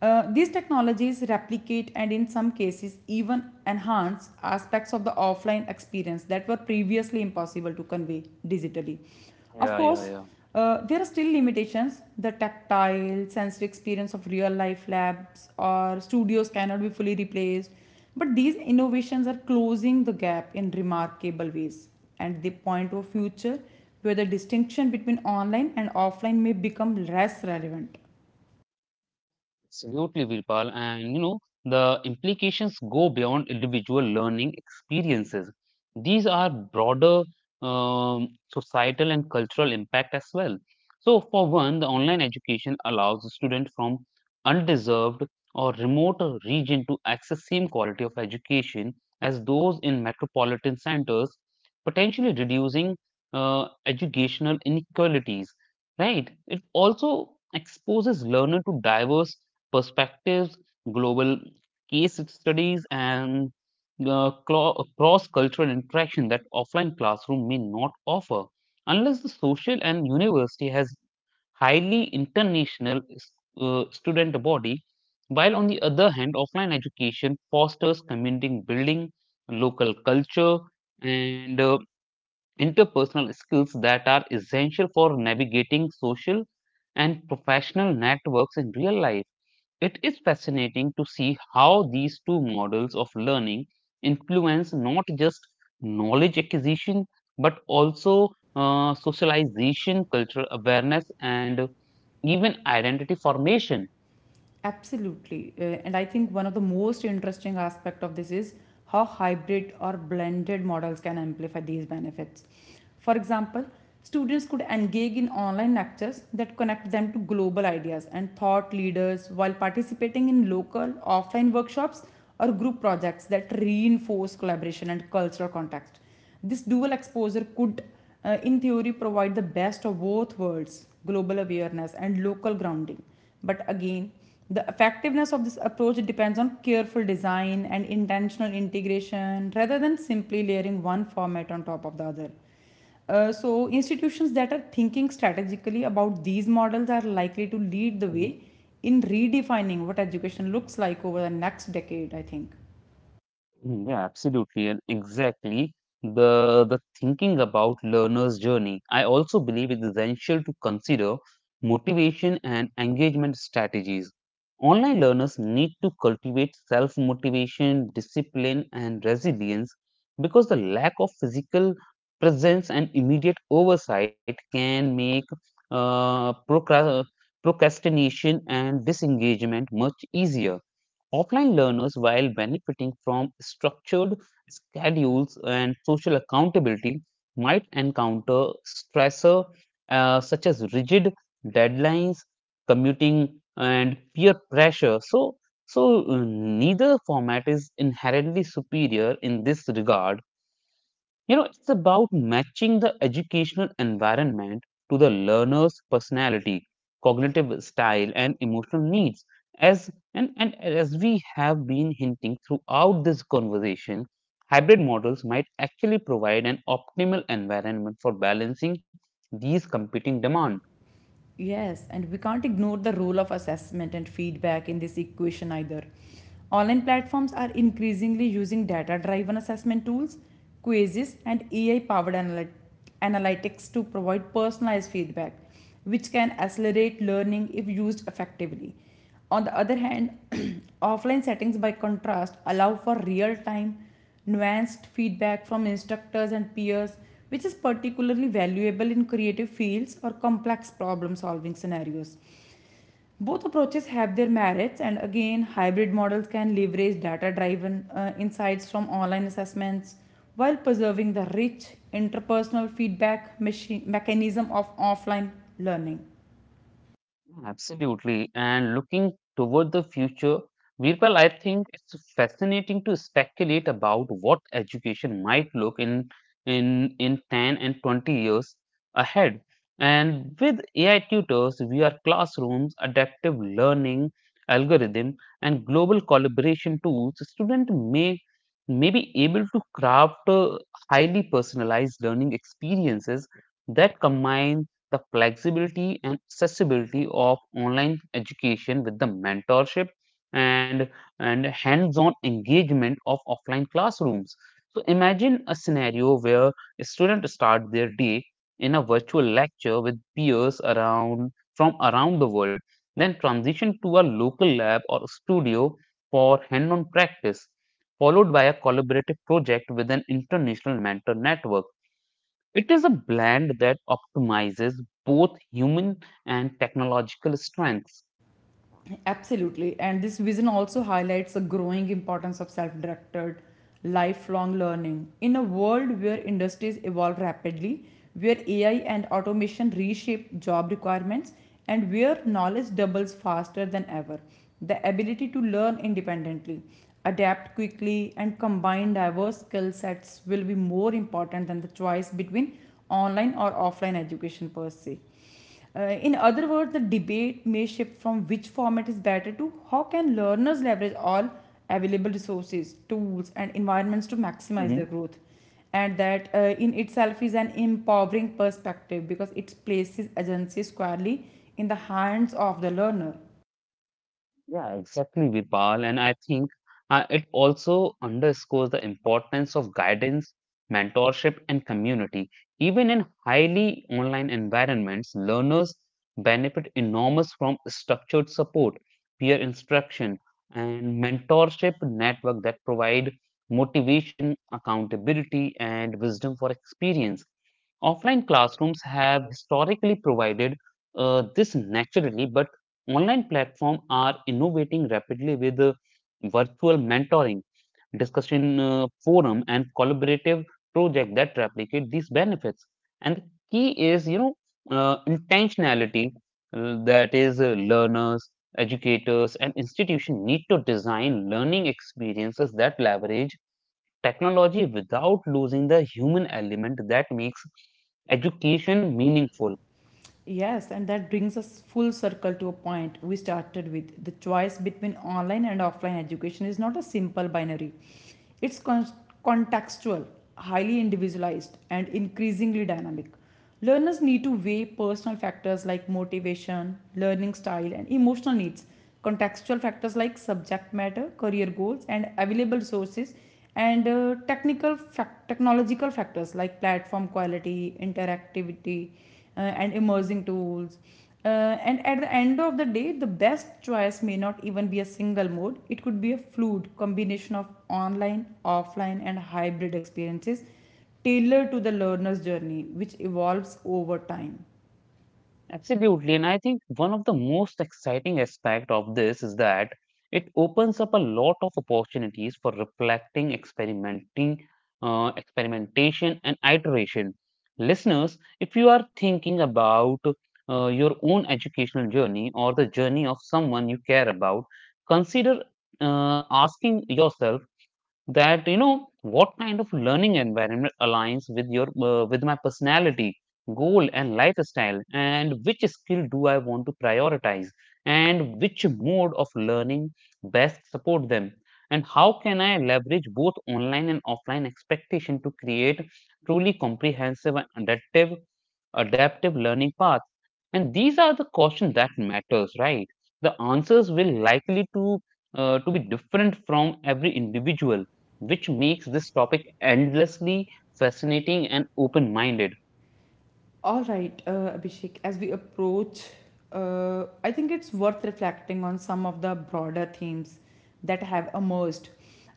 S2: Uh, these technologies replicate and, in some cases, even enhance aspects of the offline experience that were previously impossible to convey digitally. Of
S1: Yeah, yeah,
S2: course,
S1: yeah.
S2: uh, there are still limitations. The tactile, sensory experience of real life labs or studios cannot be fully replaced. But these innovations are closing the gap in remarkable ways, and they point to a future where the distinction between online and offline may become less relevant.
S1: Absolutely, Virpal. And you know, the implications go beyond individual learning experiences. These are broader um, societal and cultural impact as well. So, for one, the online education allows students from undeserved or remote region to access same quality of education as those in metropolitan centers, potentially reducing uh, educational inequalities. Right? It also exposes learner to diverse perspectives, global case studies, and uh, cross cultural interaction that offline classroom may not offer unless the social and university has highly international uh, student body. While on the other hand, offline education fosters community building, local culture, and uh, interpersonal skills that are essential for navigating social and professional networks in real life. It is fascinating to see how these two models of learning influence not just knowledge acquisition but also uh, socialization, cultural awareness, and even identity formation.
S2: Absolutely. Uh, and I think one of the most interesting aspect of this is how hybrid or blended models can amplify these benefits. For example, students could engage in online lectures that connect them to global ideas and thought leaders while participating in local offline workshops or group projects that reinforce collaboration and cultural context. This dual exposure could, uh, in theory, provide the best of both worlds: global awareness and local grounding. But again, the effectiveness of this approach depends on careful design and intentional integration rather than simply layering one format on top of the other. Uh, so, institutions that are thinking strategically about these models are likely to lead the
S1: Mhm.
S2: way in redefining what education looks like over the next decade, I think.
S1: Mm, yeah, absolutely, and exactly the the thinking about learner's journey. I also believe it's essential to consider motivation and engagement strategies. Online learners need to cultivate self-motivation, discipline, and resilience because the lack of physical presence and immediate oversight can make uh, procra- procrastination and disengagement much easier. Offline learners, while benefiting from structured schedules and social accountability, might encounter stressor uh, such as rigid deadlines, commuting, and peer pressure. So, so uh, neither format is inherently superior in this regard. You know, it's about matching the educational environment to the learner's personality, cognitive style, and emotional needs. As and, and as we have been hinting throughout this conversation, hybrid models might actually provide an optimal environment for balancing these competing demands.
S2: Yes, and we can't ignore the role of assessment and feedback in this equation either. Online platforms are increasingly using data driven assessment tools, quizzes, and A I powered analytics to provide personalized feedback, which can accelerate learning if used effectively. On the other hand, offline settings, by contrast, allow for real time, nuanced feedback from instructors and peers, which is particularly valuable in creative fields or complex problem solving scenarios. Both approaches have their merits, and again, hybrid models can leverage data driven insights from online assessments while preserving the rich interpersonal feedback machi- mechanism of offline learning.
S1: Absolutely. And looking toward the future, Virpal, I think it's fascinating to speculate about what education might look in in in ten and twenty years ahead. And with A I tutors, V R classrooms, adaptive learning algorithm, and global collaboration tools, students may may be able to craft uh, highly personalized learning experiences that combines the flexibility and accessibility of online education with the mentorship and and hands-on engagement of offline classrooms. So imagine a scenario where students start their day in a virtual lecture with peers around from around the world, then transition to a local lab or studio for hand-on practice, followed by a collaborative project with an international mentor network. It is a blend that optimizes both human and technological strengths.
S2: Absolutely. And this vision also highlights the growing importance of self directed, lifelong learning. In a world where industries evolve rapidly, where A I and automation reshape job requirements, and where knowledge doubles faster than ever, the ability to learn independently, adapt quickly, and combine diverse skill sets will be more important than the choice between online or offline education per se. Uh, in other words, the debate may shift from which format is better to how can learners leverage all available resources, tools, and environments to
S1: Mhm.
S2: maximize their growth. And that, uh, in itself, is an empowering perspective because it places agency squarely in the hands of the learner.
S1: Yeah, exactly, Virpal. And I think uh, it also underscores the importance of guidance, mentorship, and community. Even in highly online environments, learners benefit enormous from structured support, peer instruction, and mentorship network that provide motivation, accountability, and wisdom for experience. Offline classrooms have historically provided uh, this naturally, but online platforms are innovating rapidly with uh, virtual mentoring, discussion uh, forum, and collaborative project that replicate these benefits. And the key is, you know, uh, intentionality. Uh, that is, uh, learners, educators, and institution need to design learning experiences that leverage technology without losing the human element that makes education meaningful.
S2: Yes, and that brings us full circle to a point we started with. The choice between online and offline education is not a simple binary, it's con- contextual, highly individualized, and increasingly dynamic. Learners need to weigh personal factors like motivation, learning style, and emotional needs, contextual factors like subject matter, career goals, and available sources, and uh, technical fac- technological factors like platform quality, interactivity, uh, and emerging tools. Uh, and at the end of the day, the best choice may not even be a single mode. It could be a fluid combination of online, offline, and hybrid experiences tailored to the learner's journey, which evolves over time.
S1: Absolutely, and I think one of the most exciting aspect of this is that it opens up a lot of opportunities for reflecting experimenting, uh, experimentation and iteration. Listeners, if you are thinking about uh, your own educational journey or the journey of someone you care about, consider uh, asking yourself that, you know, what kind of learning environment aligns with your uh, with my personality, goal, and lifestyle, and which skill do I want to prioritize, and which mode of learning best support them, and how can I leverage both online and offline expectation to create truly comprehensive and adaptive adaptive learning path? And these are the questions that matters, right? The answers will likely to uh, to be different from every individual, which makes this topic endlessly fascinating and open minded.
S2: All right, uh, Abhishek, as we approach, uh, I think it's worth reflecting on some of the broader themes that have emerged.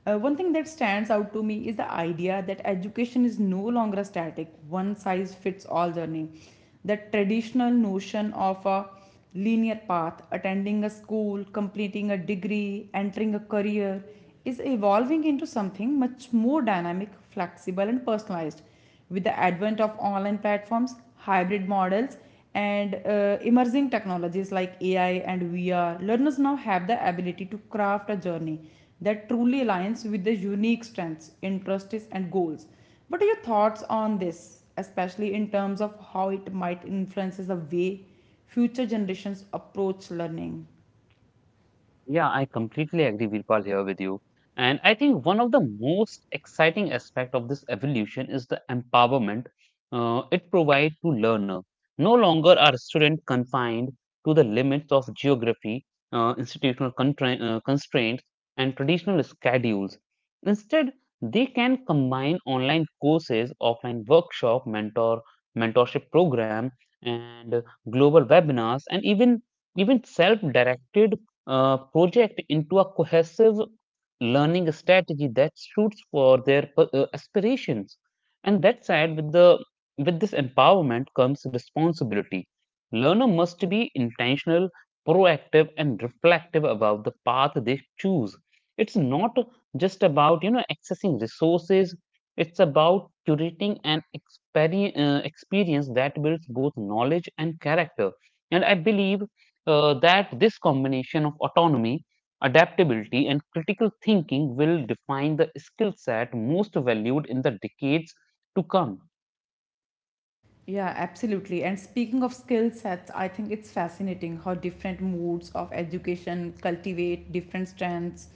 S2: Uh, one thing that stands out to me is the idea that education is no longer a static, one size fits all journey. The traditional notion of a linear path, attending a school, completing a degree, entering a career, is evolving into something much more dynamic, flexible, and personalized. With the advent of online platforms, hybrid models, and uh, emerging technologies like A I and V R, learners now have the ability to craft a journey that truly aligns with their unique strengths, interests, and goals. What are your thoughts on this, especially in terms of how it might influences the way future generations approach learning?
S1: Yeah, I completely agree, Virpal, here with you. And I think one of the most exciting aspect of this evolution is the empowerment uh, it provides to learner. No longer are students confined to the limits of geography, uh, institutional contra- uh, constraints, and traditional schedules. Instead, they can combine online courses, offline workshop, mentor mentorship program, and uh, global webinars, and even even self-directed uh, project into a cohesive learning strategy that suits for their uh, aspirations. And that said, with the with this empowerment comes responsibility. Learner must be intentional, proactive, and reflective about the path they choose. It's not just about, you know, accessing resources. It's about curating an experience, uh, experience that builds both knowledge and character. And I believe uh, that this combination of autonomy, adaptability, and critical thinking will define the skill set most valued in the decades to come.
S2: Yeah, absolutely. And speaking of skill sets, I think it's fascinating how different modes of education cultivate different strengths.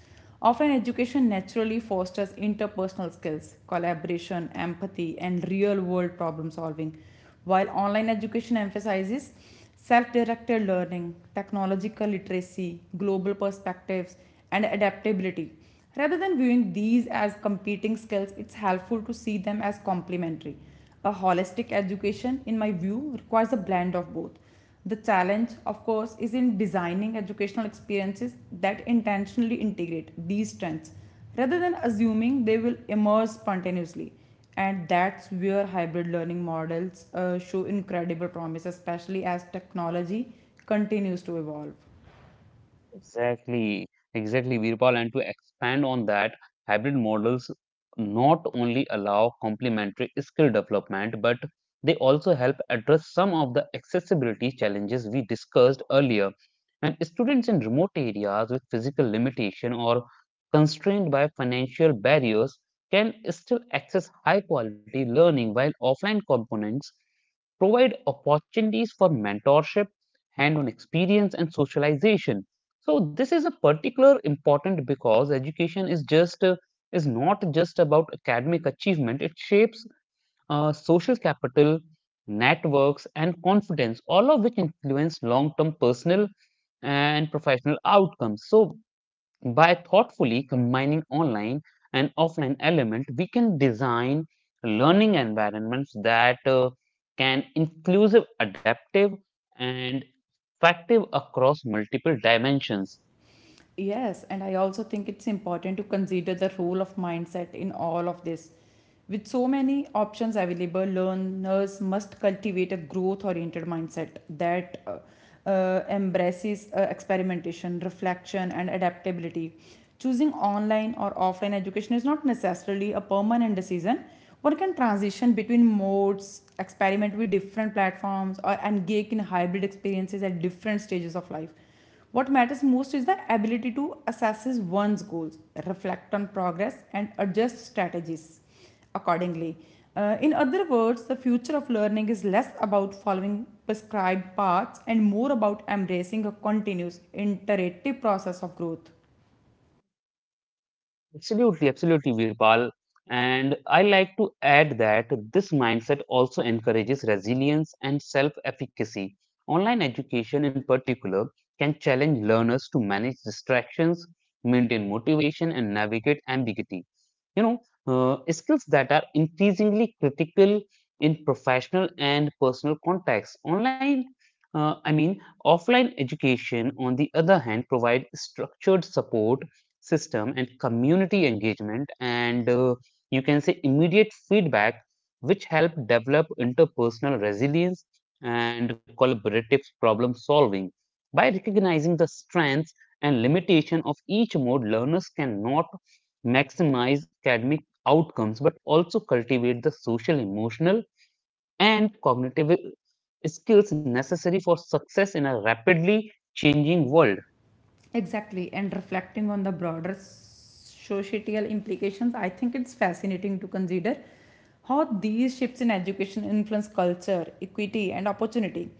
S2: Often, education naturally fosters interpersonal skills, collaboration, empathy, and real world problem solving, while online education emphasizes self directed learning, technological literacy, global perspectives, and adaptability. Rather than viewing these as competing skills, it's helpful to see them as complementary. A holistic education, in my view, requires a blend of both. The challenge, of course, is in designing educational experiences that intentionally integrate these strengths rather than assuming they will emerge spontaneously. And that's where hybrid learning models uh, show incredible promise, especially as technology continues to evolve.
S1: Exactly, exactly, Virpal. And to expand on that, hybrid models not only allow complementary skill development, but they also help address some of the accessibility challenges we discussed earlier. And students in remote areas with physical limitation or constrained by financial barriers can still access high quality learning while offline components provide opportunities for mentorship, hand on experience, and socialization. So this is a particular important because education is just uh, is not just about academic achievement. It shapes uh, social capital, networks, and confidence, all of which influence long-term personal and professional outcomes. So by thoughtfully combining online and offline element, we can design learning environments that uh, can inclusive, adaptive, and effective across multiple dimensions.
S2: Yes, and I also think it's important to consider the role of mindset in all of this. With so many options available, learners must cultivate a growth oriented mindset that uh, uh, embraces uh, experimentation, reflection, and adaptability. Choosing online or offline education is not necessarily a permanent decision. One can transition between modes, experiment with different platforms, or engage in hybrid experiences at different stages of life. What matters most is the ability to assess one's goals, reflect on progress, and adjust strategies accordingly. Uh, in other words, the future of learning is less about following prescribed paths and more about embracing a continuous, iterative process of growth.
S1: Absolutely, absolutely, Virpal. And I like to add that this mindset also encourages resilience and self efficacy. Online education, in particular, can challenge learners to manage distractions, maintain motivation, and navigate ambiguity, you know, uh, skills that are increasingly critical in professional and personal contexts. Online uh, I mean Offline education, on the other hand, provide structured support system and community engagement and, uh, you can say, immediate feedback, which help develop interpersonal resilience and collaborative problem solving. By recognizing the strengths and limitation of each mode, learners can not maximize academic outcomes but also cultivate the social, emotional, and cognitive skills necessary for success in a rapidly changing world.
S2: Exactly, and reflecting on the broader societal implications, I think it's fascinating to consider how these shifts in education influence culture, equity, and opportunity.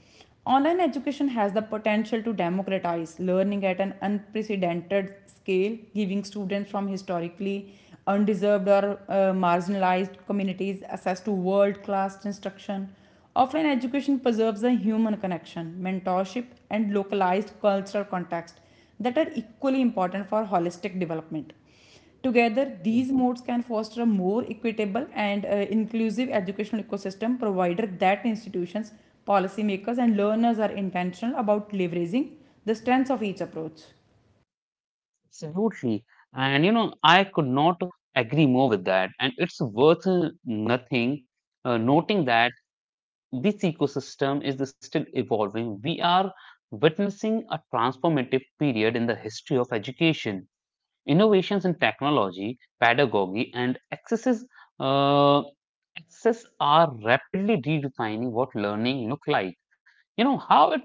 S2: Online education has the potential to democratize learning at an unprecedented scale, giving students from historically undeserved or uh, marginalized communities access to world class instruction. Offline education preserves the human connection, mentorship, and localized cultural context that are equally important for holistic development. Together, these modes can foster a more equitable and uh, inclusive educational ecosystem, provided that institutions, policymakers, and learners are intentional about leveraging the strengths of each approach.
S1: Absolutely. And you know, I could not agree more with that. And it's worth uh, nothing uh, noting that this ecosystem is still evolving. We are witnessing a transformative period in the history of education. Innovations in technology, pedagogy, and accesses, uh, access are rapidly redefining what learning look like. You know how it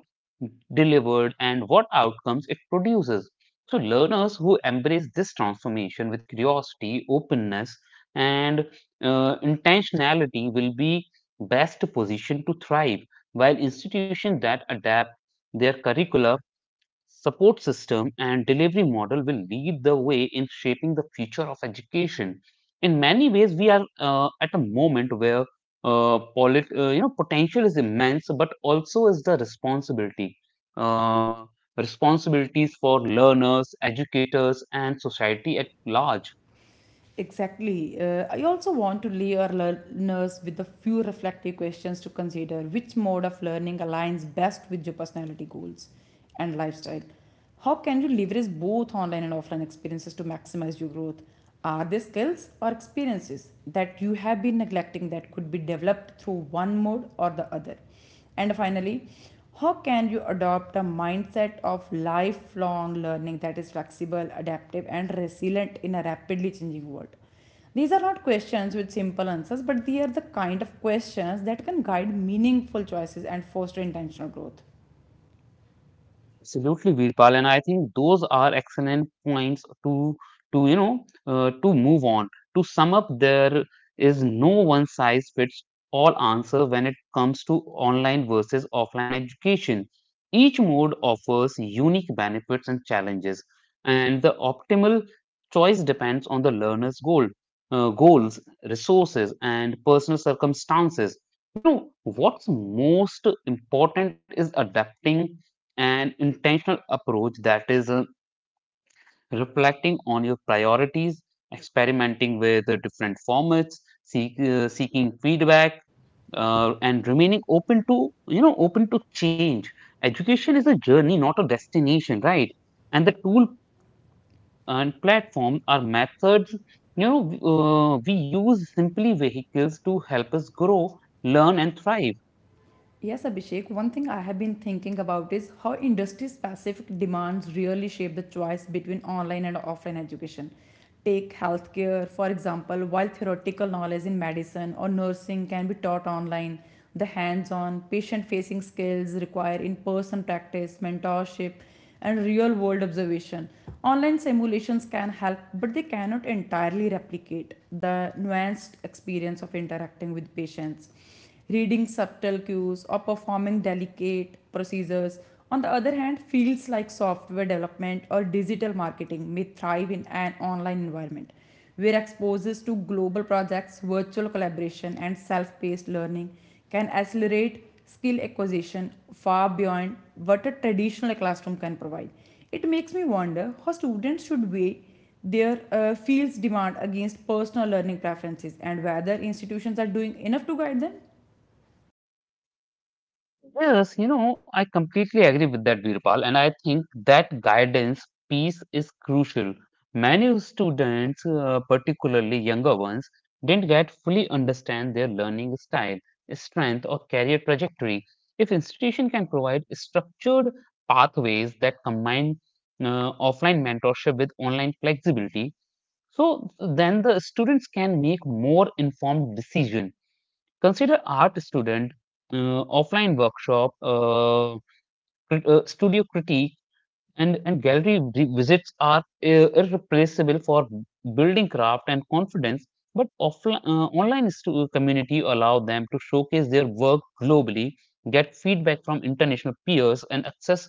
S1: delivered and what outcomes it produces. So learners who embrace this transformation with curiosity, openness, and uh, intentionality will be best positioned to thrive, while institutions that adapt their curricula, support system, and delivery model will lead the way in shaping the future of education. In many ways, we are uh, at a moment where uh, polit- uh, you know, potential is immense, but also is the responsibility. Uh, Responsibilities for learners, educators, and society at large.
S2: Exactly. Uh, I also want to leave our learners with a few reflective questions to consider. Which mode of learning aligns best with your personality goals and lifestyle? How can you leverage both online and offline experiences to maximize your growth? Are there skills or experiences that you have been neglecting that could be developed through one mode or the other? And finally, how can you adopt a mindset of lifelong learning that is flexible, adaptive, and resilient in a rapidly changing world? These are not questions with simple answers, but they are the kind of questions that can guide meaningful choices and foster intentional growth.
S1: Absolutely, Virpal, and I think those are excellent points to to you know uh, to move on. To sum up, there is no one size fits all answer when it comes to online versus offline education. Each mode offers unique benefits and challenges, and the optimal choice depends on the learner's goal, uh, goals, resources, and personal circumstances. You know what's most important is adapting an intentional approach. That is, uh, reflecting on your priorities, experimenting with uh, different formats, seek, uh, seeking feedback, uh, and remaining open to, you know, open to change. Education is a journey, not a destination, right? And the tool and platform are methods, you know, uh, we use simply vehicles to help us grow, learn, and thrive.
S2: Yes, Abhishek, one thing I have been thinking about is how industry specific demands really shape the choice between online and offline education. Take healthcare, for example, while theoretical knowledge in medicine or nursing can be taught online, the hands on, patient facing skills require in person practice, mentorship, and real world observation. Online simulations can help, but they cannot entirely replicate the nuanced experience of interacting with patients. Reading subtle cues or performing delicate procedures, on the other hand, fields like software development or digital marketing may thrive in an online environment where exposures to global projects, virtual collaboration, and self paced learning can accelerate skill acquisition far beyond what a traditional classroom can provide. It makes me wonder how students should weigh their uh, field's demand against personal learning preferences and whether institutions are doing enough to guide them.
S1: Yes, you know, I completely agree with that, Virpal, and I think that guidance piece is crucial. Many students, uh, particularly younger ones, didn't get fully understand their learning style, strength, or career trajectory. If institution can provide structured pathways that combine uh, offline mentorship with online flexibility, so then the students can make more informed decision. Consider art student, uh, offline workshop, uh, crit- uh, studio critique, and, and gallery vi- visits are uh, irreplaceable for building craft and confidence. But offline, uh, online stu- community allow them to showcase their work globally, get feedback from international peers, and access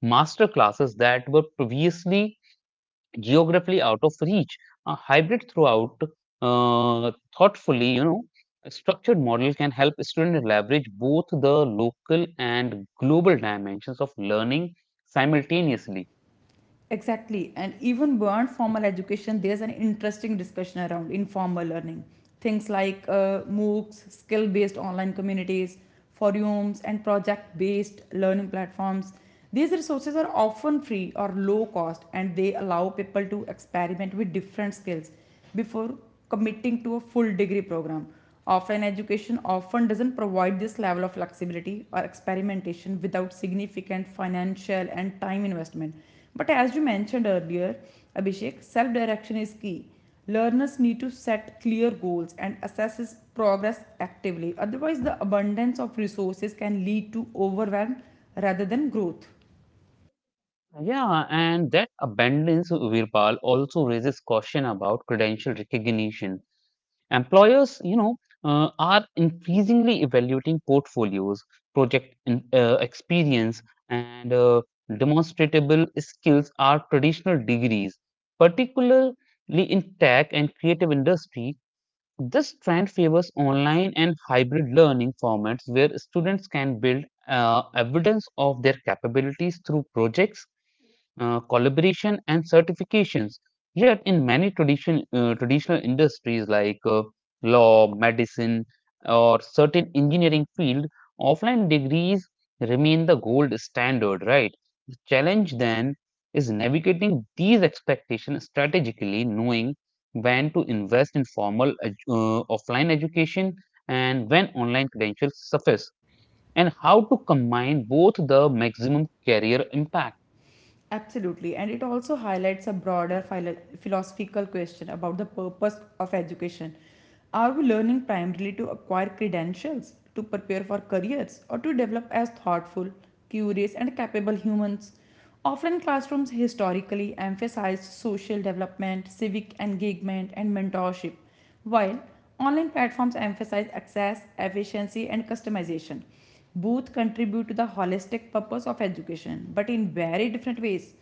S1: master classes that were previously geographically out of reach. A hybrid throughout uh, thoughtfully, you know, a structured model can help students leverage both the local and global dimensions of learning simultaneously.
S2: Exactly. And even beyond formal education, there's an interesting discussion around informal learning. Things like uh, MOOCs, skill based online communities, forums, and project based learning platforms. These resources are often free or low cost and they allow people to experiment with different skills before committing to a full degree program. Offline education often doesn't provide this level of flexibility or experimentation without significant financial and time investment. But as you mentioned earlier, Abhishek, self direction is key. Learners need to set clear goals and assess progress actively. Otherwise, the abundance of resources can lead to overwhelm rather than growth.
S1: Yeah, and that abundance, Virpal, also raises caution about credential recognition. Employers, you know, uh, are increasingly evaluating portfolios, project in, uh, experience, and uh, demonstrable skills are traditional degrees, particularly in tech and creative industry. This trend favors online and hybrid learning formats where students can build uh, evidence of their capabilities through projects, uh, collaboration, and certifications. Yet, in many tradition, uh, traditional industries like uh, law, medicine, or certain engineering field, offline degrees remain the gold standard, right? The challenge then is navigating these expectations strategically, knowing when to invest in formal edu- uh, offline education and when online credentials suffice, and how to combine both the maximum career impact.
S2: Absolutely, and it also highlights a broader philo- philosophical question about the purpose of education. Are we learning primarily to acquire credentials, to prepare for careers, or to develop as thoughtful, curious, and capable humans? Often, classrooms historically emphasized social development, civic engagement, and mentorship while online platforms emphasize access, efficiency, and customization, both contribute to the holistic purpose of education, but in very different ways.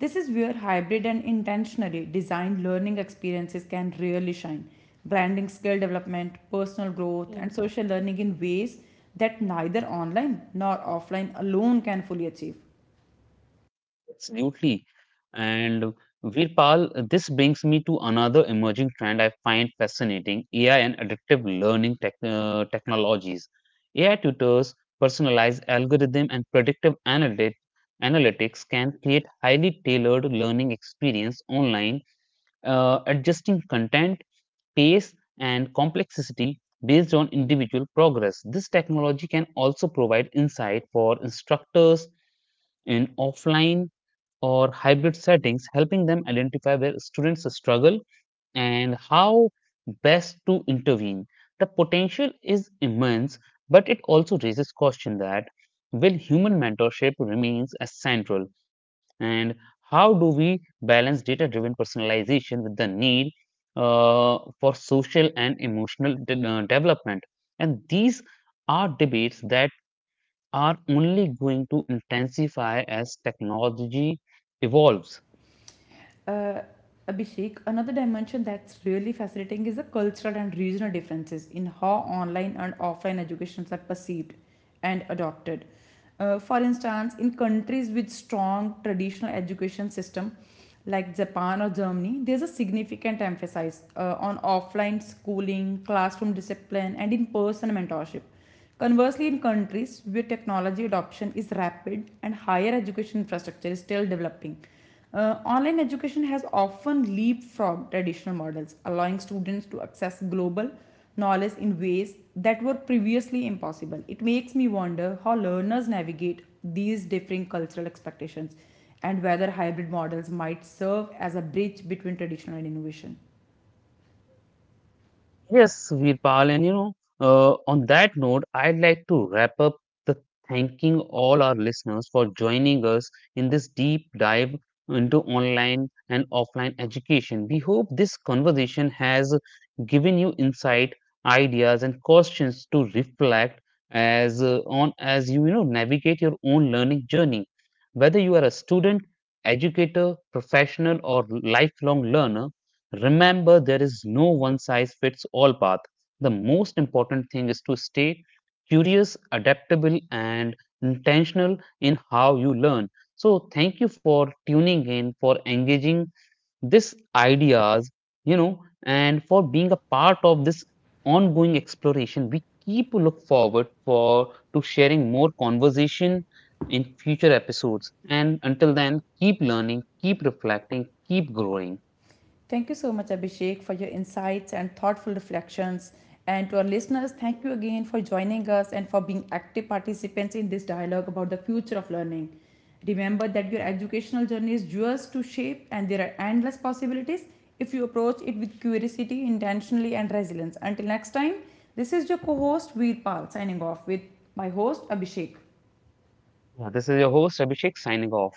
S2: This is where hybrid and intentionally designed learning experiences can really shine, blending skill development, personal growth, and social learning in ways that neither online nor offline alone can fully achieve.
S1: Absolutely. And Virpal, this brings me to another emerging trend I find fascinating: A I and adaptive learning tech, uh, technologies. A I tutors, personalized algorithm, and predictive analytics. Analytics can create highly tailored learning experience online, uh, adjusting content, pace, and complexity based on individual progress. This technology can also provide insight for instructors in offline or hybrid settings, helping them identify where students struggle and how best to intervene. The potential is immense, but it also raises question that will human mentorship remains as central, and how do we balance data-driven personalization with the need uh, for social and emotional de- uh, development? And these are debates that are only going to intensify as technology evolves.
S2: Uh, Abhishek, another dimension that's really fascinating is the cultural and regional differences in how online and offline educations are perceived and adopted. Uh, for instance, in countries with strong traditional education system like Japan or Germany, there's a significant emphasis uh, on offline schooling, classroom discipline, and in-person mentorship. Conversely, in countries where technology adoption is rapid and higher education infrastructure is still developing, uh, online education has often leapfrogged traditional models, allowing students to access global knowledge in ways that were previously impossible. It makes me wonder how learners navigate these differing cultural expectations and whether hybrid models might serve as a bridge between traditional and innovation.
S1: Yes, Virpal, and you know, uh, on that note, I'd like to wrap up the thanking all our listeners for joining us in this deep dive into online and offline education. We hope this conversation has given you insight, ideas, and questions to reflect as uh, on as you, you know, navigate your own learning journey. Whether you are a student, educator, professional, or lifelong learner. Remember, there is no one size fits all path. The most important thing is to stay curious, adaptable, and intentional in how you learn. So, thank you for tuning in, for engaging these ideas, you know, and for being a part of this ongoing exploration. We keep look forward for to sharing more conversation in future episodes. And until then, keep learning, keep reflecting, keep growing.
S2: Thank you so much, Abhishek, for your insights and thoughtful reflections. And to our listeners, thank you again for joining us and for being active participants in this dialogue about the future of learning. Remember that your educational journey is yours to shape, and there are endless possibilities if you approach it with curiosity, intentionally, and resilience. Until next time, this is your co host Veerpal signing off with my host Abhishek.
S1: Yeah, this is your host Abhishek signing off.